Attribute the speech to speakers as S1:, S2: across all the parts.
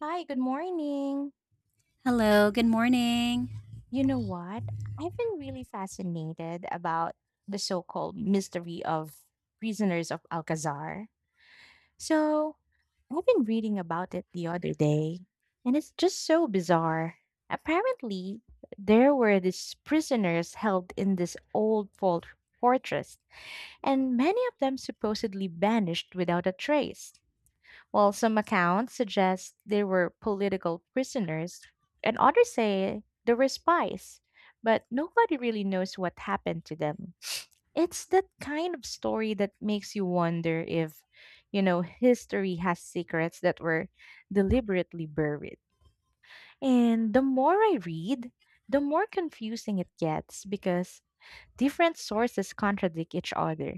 S1: Hi, good morning.
S2: Hello, good morning.
S1: You know what? I've been really fascinated about the so-called mystery of prisoners of Alcazar. So, I've been reading about it the other day, and it's just so bizarre. Apparently, there were these prisoners held in this old fortress, and many of them supposedly vanished without a trace. While some accounts suggest they were political prisoners, and others say they were spies, but nobody really knows what happened to them. It's that kind of story that makes you wonder if, history has secrets that were deliberately buried. And the more I read, the more confusing it gets because different sources contradict each other.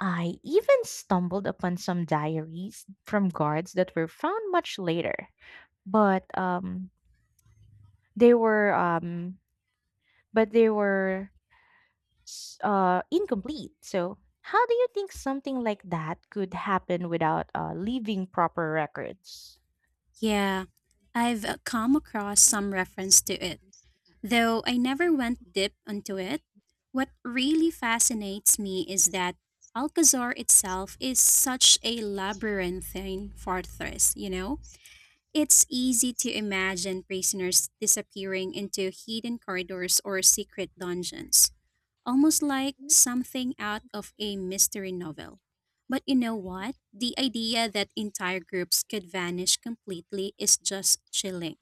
S1: I even stumbled upon some diaries from guards that were found much later, but they were um, they were incomplete. So, how do you think something like that could happen without leaving proper records?
S2: Yeah, I've come across some reference to it, though I never went deep into it. What really fascinates me is that Alcazar itself is such a labyrinthine fortress, you know? It's easy to imagine prisoners disappearing into hidden corridors or secret dungeons, almost like something out of a mystery novel. But you know what? The idea that entire groups could vanish completely is just chilling.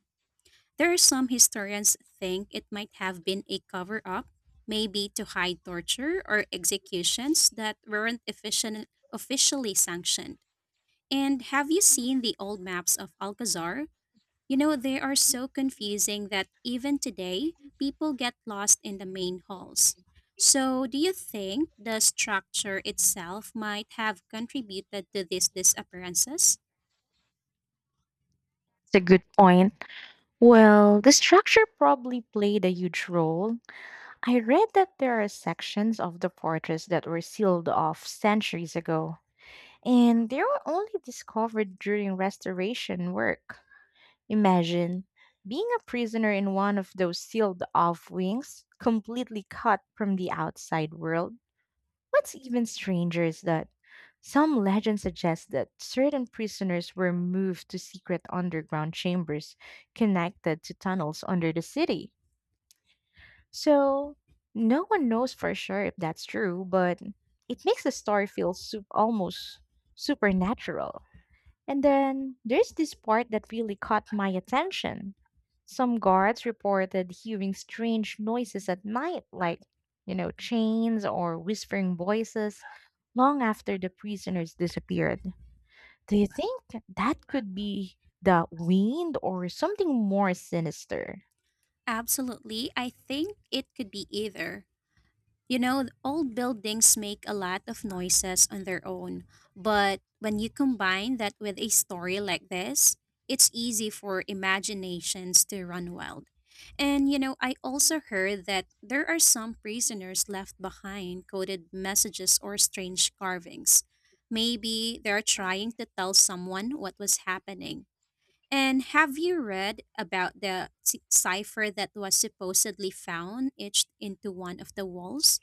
S2: There are some historians think it might have been a cover up, maybe to hide torture or executions that weren't efficient, officially sanctioned. And have you seen the old maps of Alcazar? You know, they are so confusing that even today, people get lost in the main halls. So, do you think the structure itself might have contributed to these disappearances?
S1: It's a good point. Well, the structure probably played a huge role. I read that there are sections of the fortress that were sealed off centuries ago, and they were only discovered during restoration work. Imagine being a prisoner in one of those sealed off wings, completely cut from the outside world. What's even stranger is that some legends suggest that certain prisoners were moved to secret underground chambers connected to tunnels under the city. So, no one knows for sure if that's true, but it makes the story feel almost supernatural. And then there's this part that really caught my attention. Some guards reported hearing strange noises at night, like, chains or whispering voices, long after the prisoners disappeared. Do you think that could be the wind or something more sinister?
S2: Absolutely. I think it could be either. You know, old buildings make a lot of noises on their own, but when you combine that with a story like this, it's easy for imaginations to run wild. And you know, I also heard that there are some prisoners left behind coded messages or strange carvings. Maybe they're trying to tell someone what was happening. And have you read about the cipher that was supposedly found etched into one of the walls?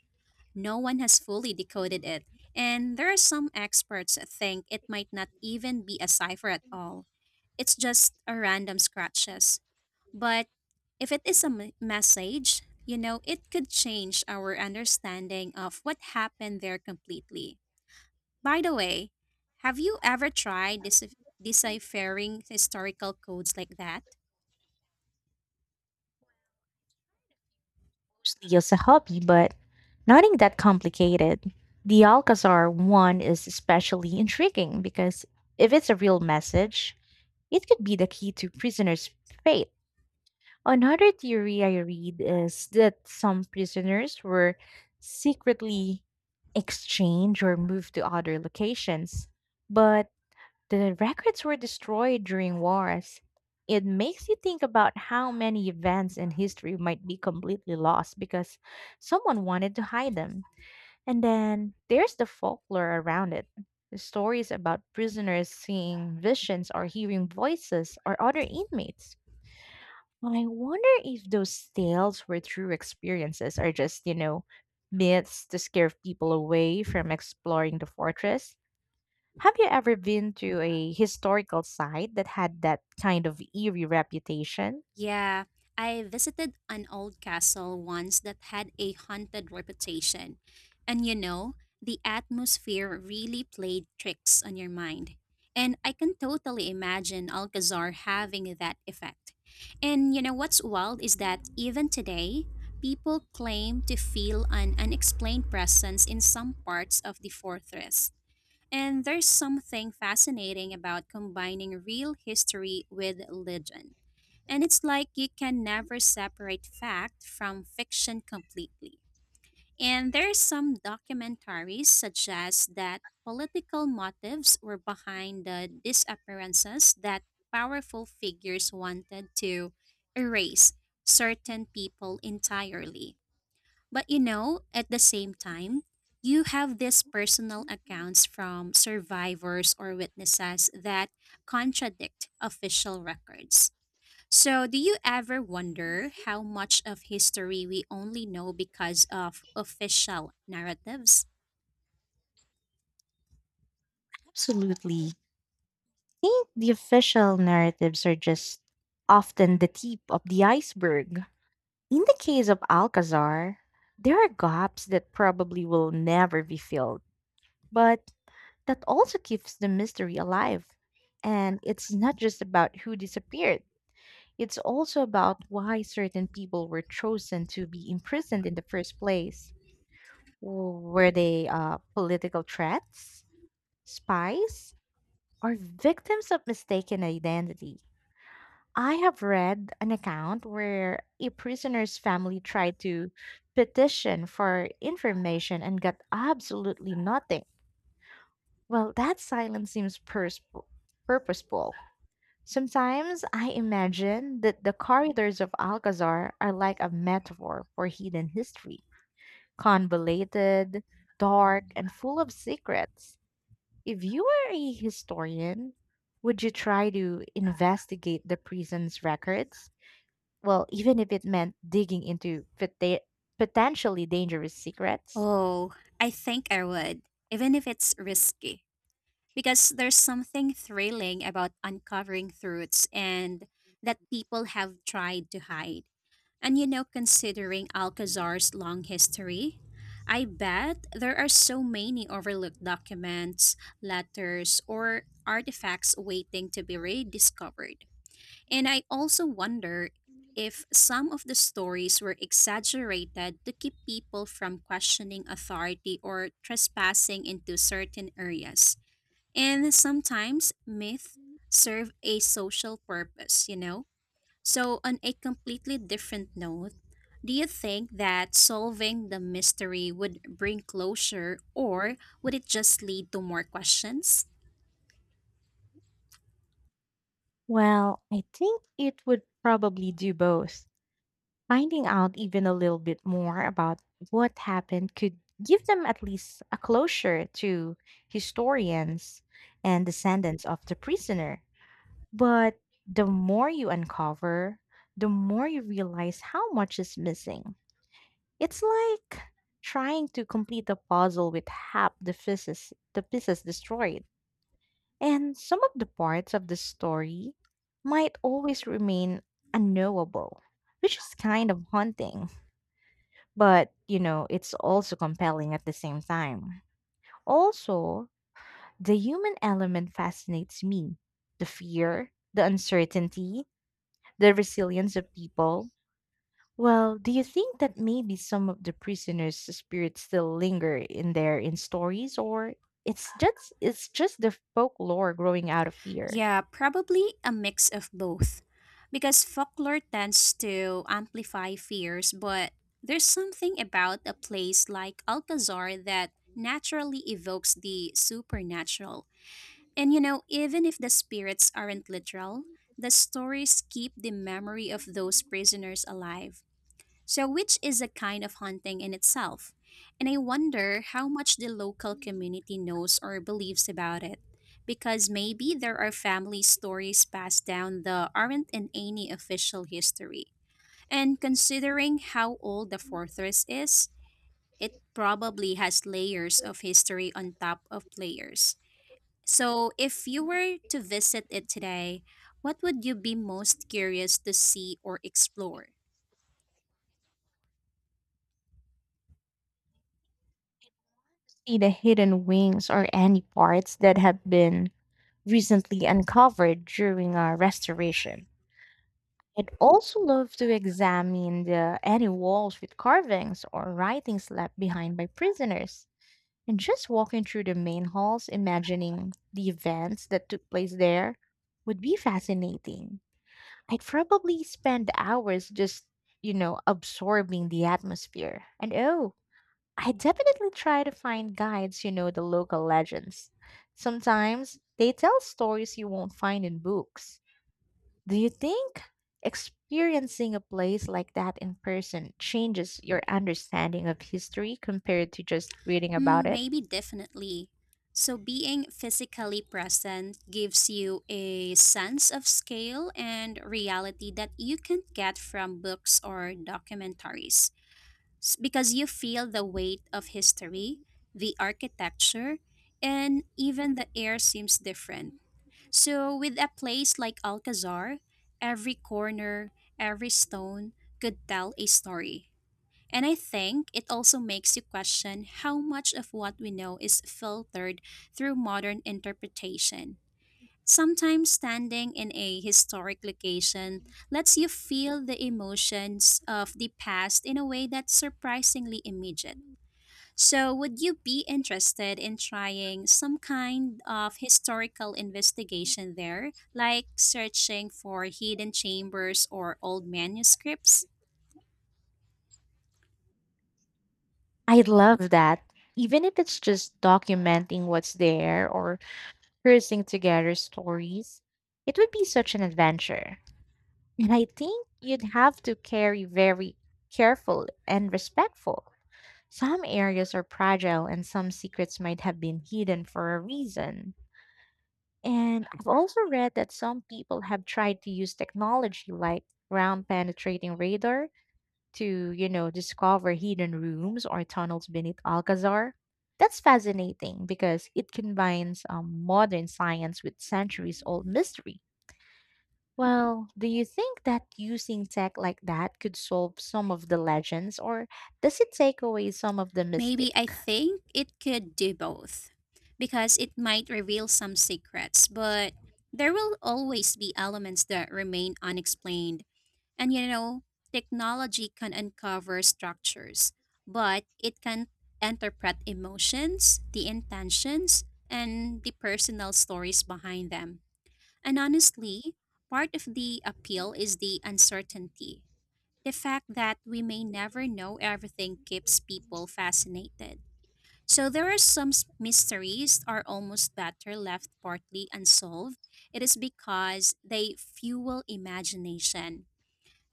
S2: No one has fully decoded it, and there are some experts that think it might not even be a cipher at all. It's just a random scratches. But if it is a message, you know, it could change our understanding of what happened there completely. By the way, have you ever tried deciphering historical codes like that?
S1: Mostly just a hobby, but nothing that complicated. The Alcazar one is especially intriguing because if it's a real message, it could be the key to prisoners' fate. Another theory I read is that some prisoners were secretly exchanged or moved to other locations, but the records were destroyed during wars. It makes you think about how many events in history might be completely lost because someone wanted to hide them. And then there's the folklore around it. The stories about prisoners seeing visions or hearing voices or other inmates. I wonder if those tales were true experiences or just, myths to scare people away from exploring the fortress. Have you ever been to a historical site that had that kind of eerie reputation?
S2: Yeah, I visited an old castle once that had a haunted reputation. And you know, the atmosphere really played tricks on your mind. And I can totally imagine Alcazar having that effect. And you know what's wild is that even today, people claim to feel an unexplained presence in some parts of the fortress. And there's something fascinating about combining real history with legend. And it's like you can never separate fact from fiction completely. And there's some documentaries suggest that political motives were behind the disappearances, that powerful figures wanted to erase certain people entirely. But you know, at the same time, you have these personal accounts from survivors or witnesses that contradict official records. So, do you ever wonder how much of history we only know because of official narratives?
S1: Absolutely. I think the official narratives are just often the tip of the iceberg. In the case of Alcazar, there are gaps that probably will never be filled, but that also keeps the mystery alive. And it's not just about who disappeared, it's also about why certain people were chosen to be imprisoned in the first place. Were they political threats, spies, or victims of mistaken identity? I have read an account where a prisoner's family tried to petition for information and got absolutely nothing. Well, that silence seems purposeful. Sometimes I imagine that the corridors of Alcazar are like a metaphor for hidden history, convoluted, dark, and full of secrets. If you were a historian, would you try to investigate the prison's records? Well, even if it meant digging into potentially dangerous secrets?
S2: Oh, I think I would, even if it's risky. Because there's something thrilling about uncovering truths and that people have tried to hide. And you know, considering Alcazar's long history, I bet there are so many overlooked documents, letters, or artifacts waiting to be rediscovered. And I also wonder if some of the stories were exaggerated to keep people from questioning authority or trespassing into certain areas. And sometimes myths serve a social purpose, you know? So, on a completely different note, do you think that solving the mystery would bring closure, or would it just lead to more questions?
S1: Well, I think it would probably do both. Finding out even a little bit more about what happened could give them at least a closure to historians and descendants of the prisoner. But the more you uncover, the more you realize how much is missing. It's like trying to complete a puzzle with half the pieces destroyed. And some of the parts of the story might always remain unknowable, which is kind of haunting. But, it's also compelling at the same time. Also, the human element fascinates me: the fear, the uncertainty, the resilience of people. Well, do you think that maybe some of the prisoners' spirits still linger in there in stories, or it's just the folklore growing out of fear?
S2: Yeah, probably a mix of both. Because folklore tends to amplify fears, but there's something about a place like Alcazar that naturally evokes the supernatural. And you know, even if the spirits aren't literal, the stories keep the memory of those prisoners alive. So, which is a kind of haunting in itself. And I wonder how much the local community knows or believes about it. Because maybe there are family stories passed down that aren't in any official history. And considering how old the fortress is, it probably has layers of history on top of layers. So, if you were to visit it today, what would you be most curious to see or explore?
S1: See the hidden wings or any parts that have been recently uncovered during our restoration. I'd also love to examine the any walls with carvings or writings left behind by prisoners. And just walking through the main halls, imagining the events that took place there would be fascinating. I'd probably spend hours just, absorbing the atmosphere. And oh, I definitely try to find guides who know the local legends. Sometimes they tell stories you won't find in books. Do you think experiencing a place like that in person changes your understanding of history compared to just reading about
S2: Hmm,
S1: it?
S2: maybe definitely. So, being physically present gives you a sense of scale and reality that you can't get from books or documentaries. Because you feel the weight of history, the architecture, and even the air seems different. So, with a place like Alcazar, every corner, every stone could tell a story. And I think it also makes you question how much of what we know is filtered through modern interpretation. Sometimes standing in a historic location lets you feel the emotions of the past in a way that's surprisingly immediate. So, would you be interested in trying some kind of historical investigation there, like searching for hidden chambers or old manuscripts?
S1: I love that. Even if it's just documenting what's there or piecing together stories, it would be such an adventure. And I think you'd have to carry very careful and respectful. Some areas are fragile and some secrets might have been hidden for a reason. And I've also read that some people have tried to use technology like ground penetrating radar to, discover hidden rooms or tunnels beneath Alcazar. That's fascinating because it combines modern science with centuries old mystery. Well, do you think that using tech like that could solve some of the legends, or does it take away some of the
S2: Maybe
S1: mystic?
S2: I think it could do both because it might reveal some secrets, but there will always be elements that remain unexplained. And you know, technology can uncover structures, but it can interpret emotions, the intentions, and the personal stories behind them. And honestly, part of the appeal is the uncertainty. The fact that we may never know everything keeps people fascinated. So there are some mysteries are almost better left partly unsolved. It is because they fuel imagination,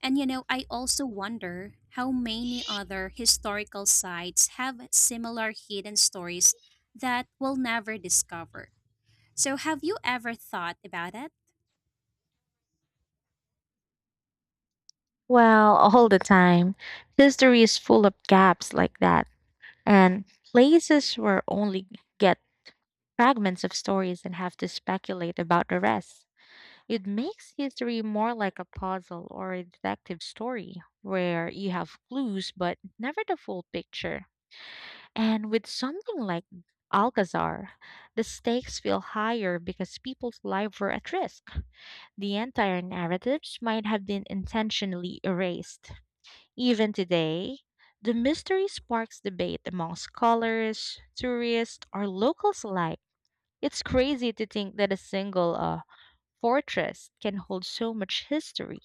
S2: and you know, I also wonder how many other historical sites have similar hidden stories that we'll never discover. So, have you ever thought about it?
S1: Well, all the time. History is full of gaps like that, and places where only get fragments of stories and have to speculate about the rest. It makes history more like a puzzle or a detective story where you have clues but never the full picture. And with something like Alcazar, the stakes feel higher because people's lives were at risk. The entire narratives might have been intentionally erased. Even today, the mystery sparks debate among scholars, tourists, or locals alike. It's crazy to think that a single fortress can hold so much history,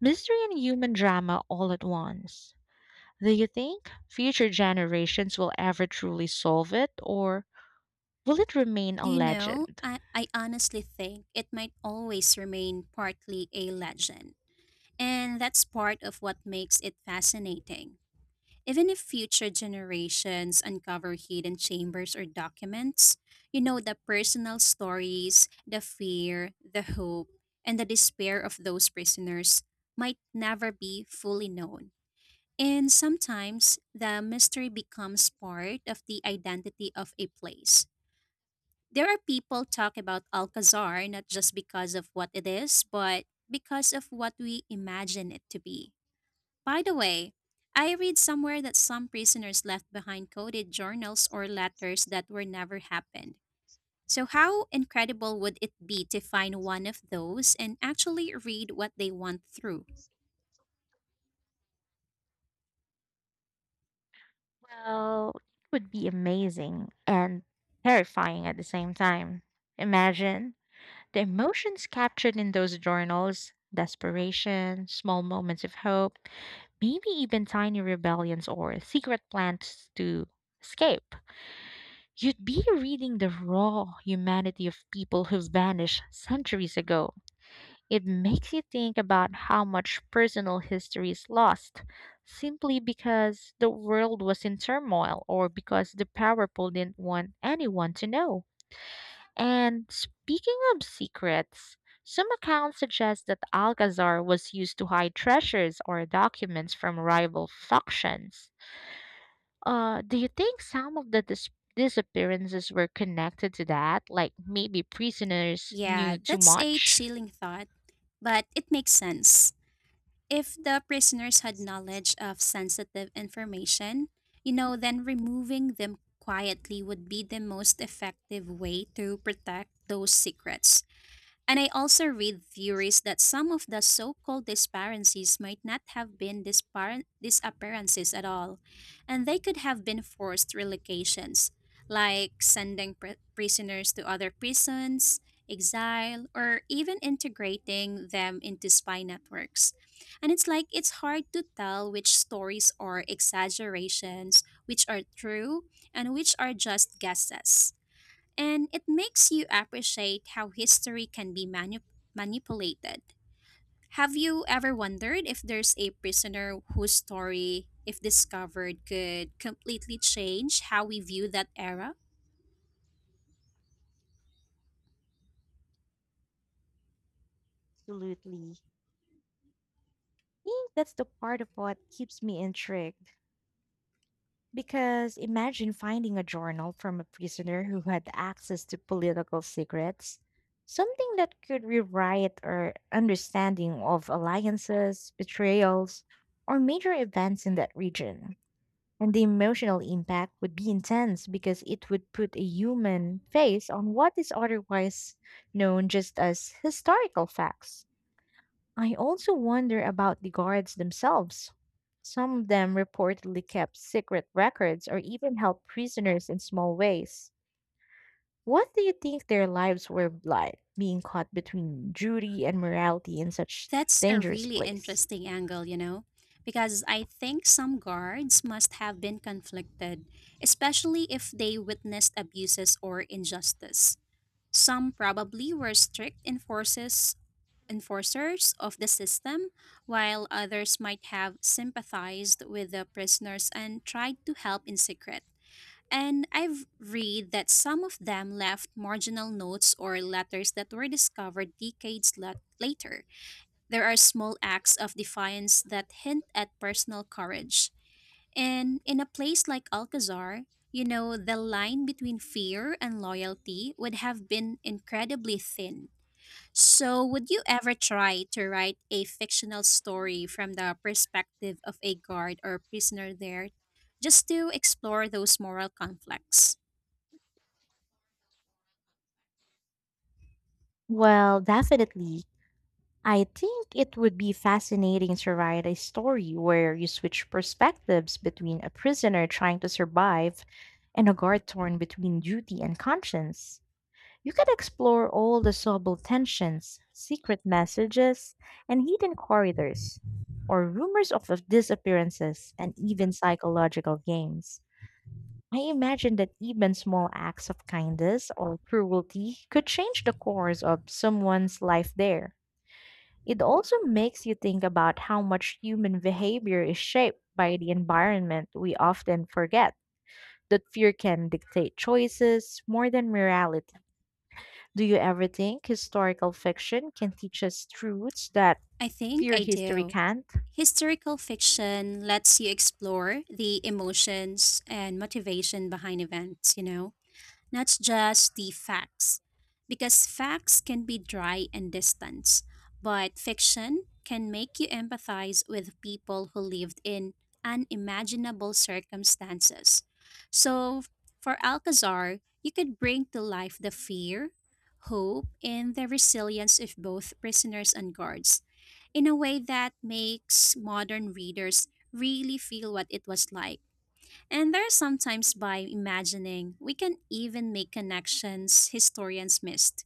S1: mystery, and human drama all at once. Do you think future generations will ever truly solve it, or will it remain a
S2: Do you know?
S1: legend?
S2: I honestly think it might always remain partly a legend. And that's part of what makes it fascinating. Even if future generations uncover hidden chambers or documents, you know, the personal stories, the fear, the hope, and the despair of those prisoners might never be fully known. And sometimes the mystery becomes part of the identity of a place. There are people talk about Alcazar not just because of what it is, but because of what we imagine it to be. By the way, I read somewhere that some prisoners left behind coded journals or letters that were never happened. So, how incredible would it be to find one of those and actually read what they went through?
S1: Well, it would be amazing and terrifying at the same time. Imagine the emotions captured in those journals: desperation, small moments of hope, maybe even tiny rebellions or secret plans to escape. You'd be reading the raw humanity of people who vanished centuries ago. It makes you think about how much personal history is lost simply because the world was in turmoil or because the powerful didn't want anyone to know. And speaking of secrets, some accounts suggest that Alcazar was used to hide treasures or documents from rival factions. Do you think some of the disappearances were connected to that? Like maybe prisoners
S2: Yeah,
S1: knew too
S2: that's a
S1: much?
S2: chilling thought, but it makes sense. If the prisoners had knowledge of sensitive information, you know, then removing them quietly would be the most effective way to protect those secrets. And I also read theories that some of the so called disparencies might not have been disappearances at all, and they could have been forced relocations, like sending prisoners to other prisons, exile, or even integrating them into spy networks. And it's like it's hard to tell which stories are exaggerations, which are true, and which are just guesses. And it makes you appreciate how history can be manipulated. Have you ever wondered if there's a prisoner whose story, if discovered, could completely change how we view that era?
S1: Absolutely. I think that's the part of what keeps me intrigued. Because imagine finding a journal from a prisoner who had access to political secrets, something that could rewrite our understanding of alliances, betrayals, or major events in that region. And the emotional impact would be intense because it would put a human face on what is otherwise known just as historical facts. I also wonder about the guards themselves. Some of them reportedly kept secret records or even helped prisoners in small ways. What do you think their lives were like being caught between duty and morality in such
S2: That's a
S1: dangerous
S2: really
S1: place?
S2: interesting angle, you know, because I think some guards must have been conflicted, especially if they witnessed abuses or injustice. Some probably were strict enforcers of the system, while others might have sympathized with the prisoners and tried to help in secret. And I've read that some of them left marginal notes or letters that were discovered decades later. There are small acts of defiance that hint at personal courage. And in a place like Alcazar, you know, the line between fear and loyalty would have been incredibly thin. So, would you ever try to write a fictional story from the perspective of a guard or prisoner there, just to explore those moral conflicts?
S1: Well, definitely I think it would be fascinating to write a story where you switch perspectives between a prisoner trying to survive and a guard torn between duty and conscience. You could explore all the subtle tensions, secret messages, and hidden corridors, or rumors of disappearances and even psychological games. I imagine that even small acts of kindness or cruelty could change the course of someone's life there. It also makes you think about how much human behavior is shaped by the environment we often forget. That fear can dictate choices more than morality. Do you ever think historical fiction can teach us truths that
S2: I think
S1: pure
S2: I
S1: history
S2: do.
S1: can't?
S2: Historical fiction lets you explore the emotions and motivation behind events, you know? Not just the facts. Because facts can be dry and distant, but fiction can make you empathize with people who lived in unimaginable circumstances. So, for Alcazar, you could bring to life the fear, hope, and the resilience of both prisoners and guards in a way that makes modern readers really feel what it was like, and there are sometimes by imagining, we can even make connections historians missed.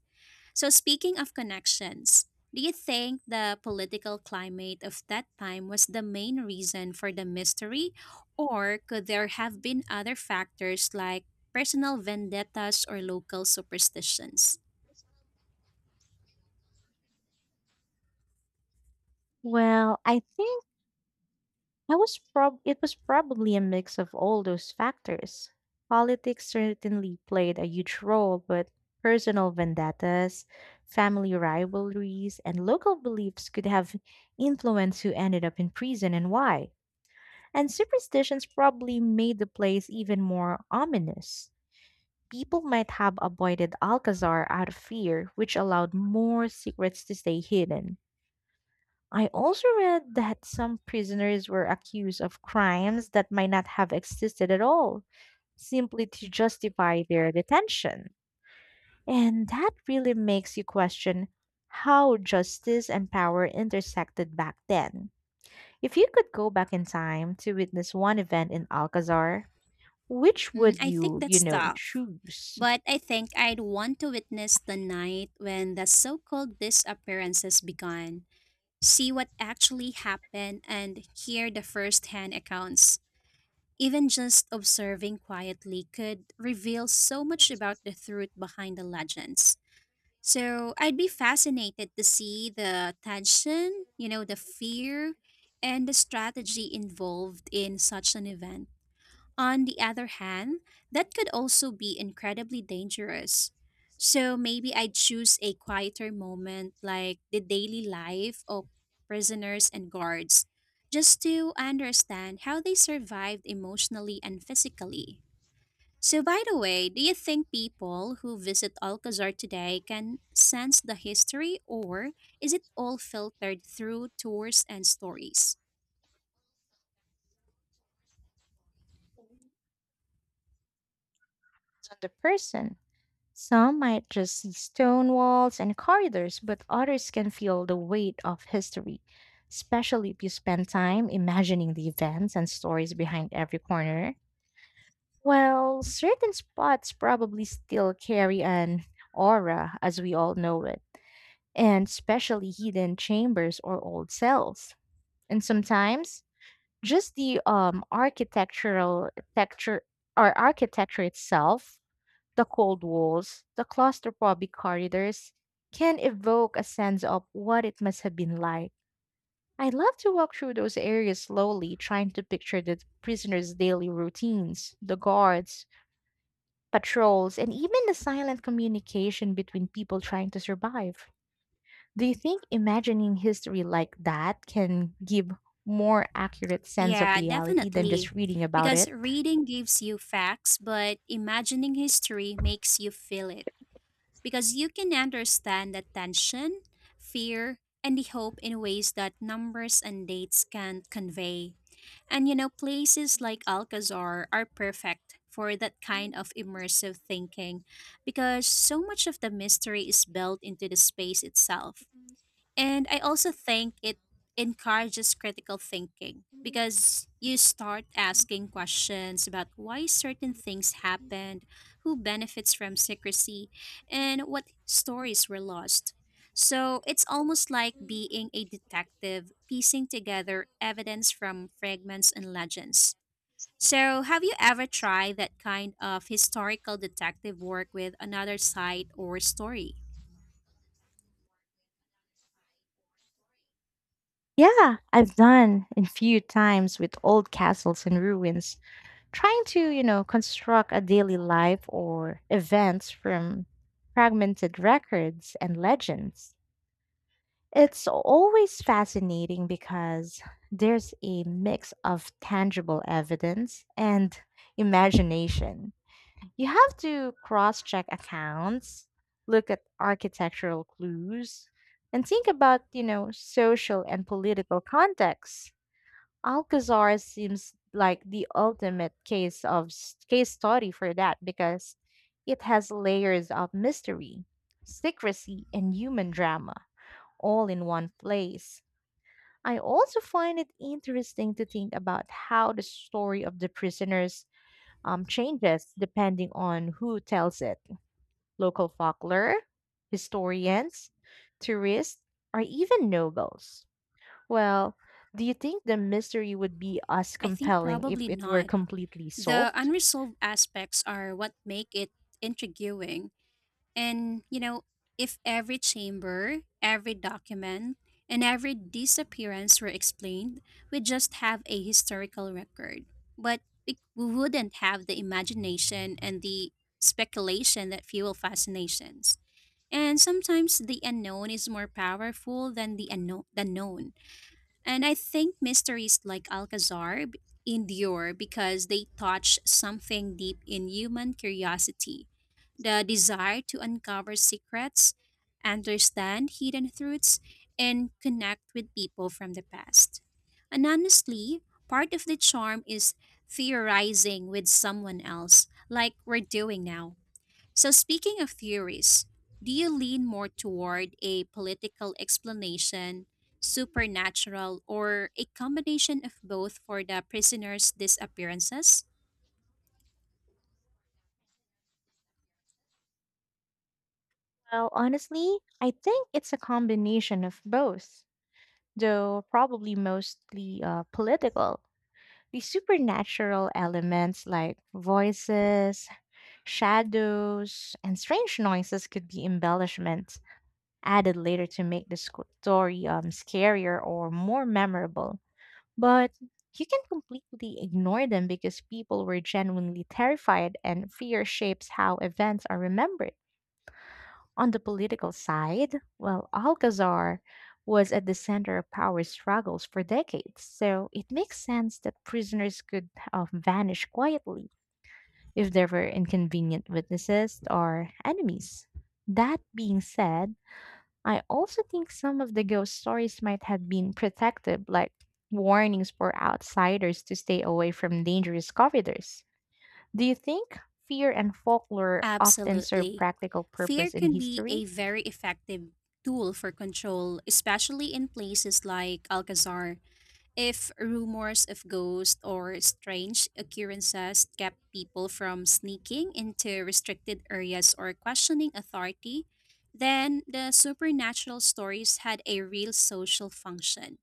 S2: So, speaking of connections, do you think the political climate of that time was the main reason for the mystery, or could there have been other factors like personal vendettas or local superstitions?
S1: Well, I think. I was prob It was probably a mix of all those factors. Politics certainly played a huge role, but personal vendettas, family rivalries, and local beliefs could have influenced who ended up in prison and why. And superstitions probably made the place even more ominous. People might have avoided Alcazar out of fear, which allowed more secrets to stay hidden. I also read that some prisoners were accused of crimes that might not have existed at all, simply to justify their detention. And that really makes you question how justice and power intersected back then. If you could go back in time to witness one event in Alcazar, which
S2: Hmm,
S1: would
S2: I think
S1: you
S2: that's tough.
S1: choose?
S2: But I think I'd want to witness the night when the so called disappearances began, see what actually happened and hear the first-hand accounts. Even just observing quietly could reveal so much about the truth behind the legends. So I'd be fascinated to see the tension, you know, the fear, and the strategy involved in such an event. On the other hand, that could also be incredibly dangerous. So maybe I'd choose a quieter moment like the daily life of prisoners and guards, just to understand how they survived emotionally and physically. So, by the way, do you think people who visit Alcazar today can sense the history, or is it all filtered through tours and stories?
S1: On the person. Some might just see stone walls and corridors, but others can feel the weight of history, especially if you spend time imagining the events and stories behind every corner. Well, certain spots probably still carry an aura as we all know it, and especially hidden chambers or old cells. And sometimes just the architectural texture or architecture itself, the cold walls, the claustrophobic corridors can evoke a sense of what it must have been like. I love to walk through those areas slowly, trying to picture the prisoners' daily routines, the guards, patrols, and even the silent communication between people trying to survive. Do you think imagining history like that can give more accurate sense of
S2: Yeah,
S1: reality than just
S2: definitely.
S1: reading about
S2: Because
S1: it?
S2: reading gives you facts, but imagining history makes you feel it. Because you can understand the tension, fear, and the hope in ways that numbers and dates can't convey. And you know, places like Alcazar are perfect for that kind of immersive thinking because so much of the mystery is built into the space itself. And I also think it encourages critical thinking because you start asking questions about why certain things happened, who benefits from secrecy, and what stories were lost. So it's almost like being a detective piecing
S1: So like
S2: together
S1: So
S2: evidence from fragments and legends. So, have you ever tried that kind of historical detective work with another site or story?
S1: Yeah, I've done a few times with old castles and ruins, trying to, construct a daily life or events from fragmented records and legends. It's always fascinating because there's a mix of tangible evidence and imagination. You have to cross check accounts, look at architectural clues, and think about, social and political contexts. Alcazar seems like the ultimate case study for that because it has layers of mystery, secrecy, and human drama all in one place. I also find it interesting to think about how the story of the prisoners changes depending on who tells it. Local folklore, historians, tourists, or even nobles. Well, do you think the mystery would be as
S2: I think
S1: compelling if
S2: probably
S1: it were
S2: not.
S1: completely
S2: The
S1: solved?
S2: unresolved aspects are what make it intriguing. And, you know, if every chamber, every document, and every disappearance were explained, we'd just have a historical record. But we wouldn't have the imagination and the speculation that fuel fascinations. And sometimes the unknown is more powerful than the unknown, the known. And I think mysteries like Alcazar endure because they touch something deep in human curiosity, the desire to uncover secrets, understand hidden truths, and connect with people from the past. And honestly, part of the charm is theorizing with someone else, like we're doing now. So, speaking of theories, do you lean more toward a political explanation, supernatural, or a combination of both for the prisoner's disappearances?
S1: Well, honestly, I think it's a combination of both, though probably mostly political. The supernatural elements like voices, shadows, and strange noises could be embellishments added later to make the story scarier or more memorable. But you can completely ignore them because people were genuinely terrified and fear shapes how events are remembered. On the political side, well, Alcazar was at the center of power struggles for decades, so it makes sense that prisoners could vanish quietly if there were inconvenient witnesses or enemies. That being said, I also think some of the ghost stories might have been protective, like warnings for outsiders to stay away from dangerous corridors. Do you think fear and folklore often serve
S2: Absolutely.
S1: practical
S2: Fear
S1: purpose in
S2: can be a
S1: history?
S2: very effective tool for control, especially in places like Alcazar. If rumors of ghosts or strange occurrences kept people from sneaking into restricted areas or questioning authority, then the supernatural stories had a real social function.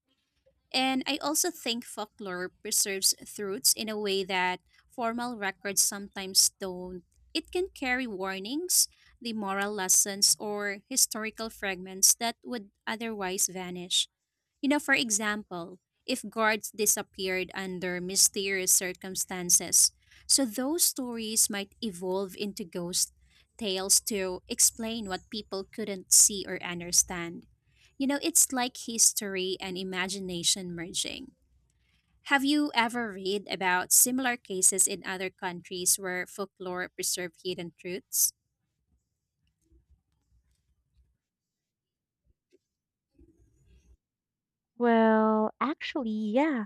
S2: And I also think folklore preserves truths in a way that formal records sometimes don't. It can carry warnings, the moral lessons, or historical fragments that would otherwise vanish. You know, for example, if guards disappeared under mysterious circumstances, so those stories might evolve into ghost tales to explain what people couldn't see or understand. You know, it's like history and imagination merging. Have you ever read about similar cases in other countries where folklore preserved hidden truths?
S1: Well, actually, yeah.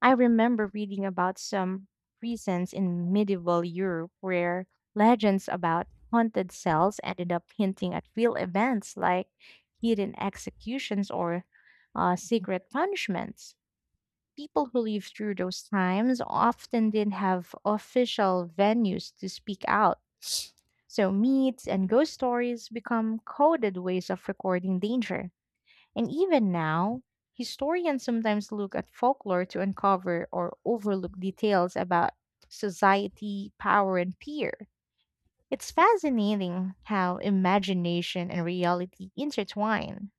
S1: I remember reading about some reasons in medieval Europe where legends about haunted cells ended up hinting at real events like hidden executions or secret punishments. People who lived through those times often didn't have official venues to speak out. So, myths and ghost stories become coded ways of recording danger. And even now, historians sometimes look at folklore to uncover or overlook details about society, power, and fear. It's fascinating how imagination and reality intertwine.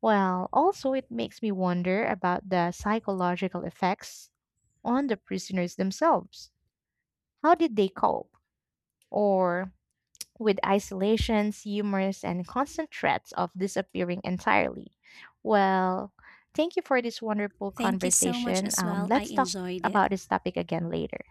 S1: Well, also, it makes me wonder about the psychological effects on the prisoners themselves. How did they cope? Or with isolations, humors, and constant threats of disappearing entirely. Well, thank you for this wonderful
S2: Thank you so much
S1: conversation.
S2: as well. I
S1: Let's talk
S2: enjoyed it.
S1: about this topic again later.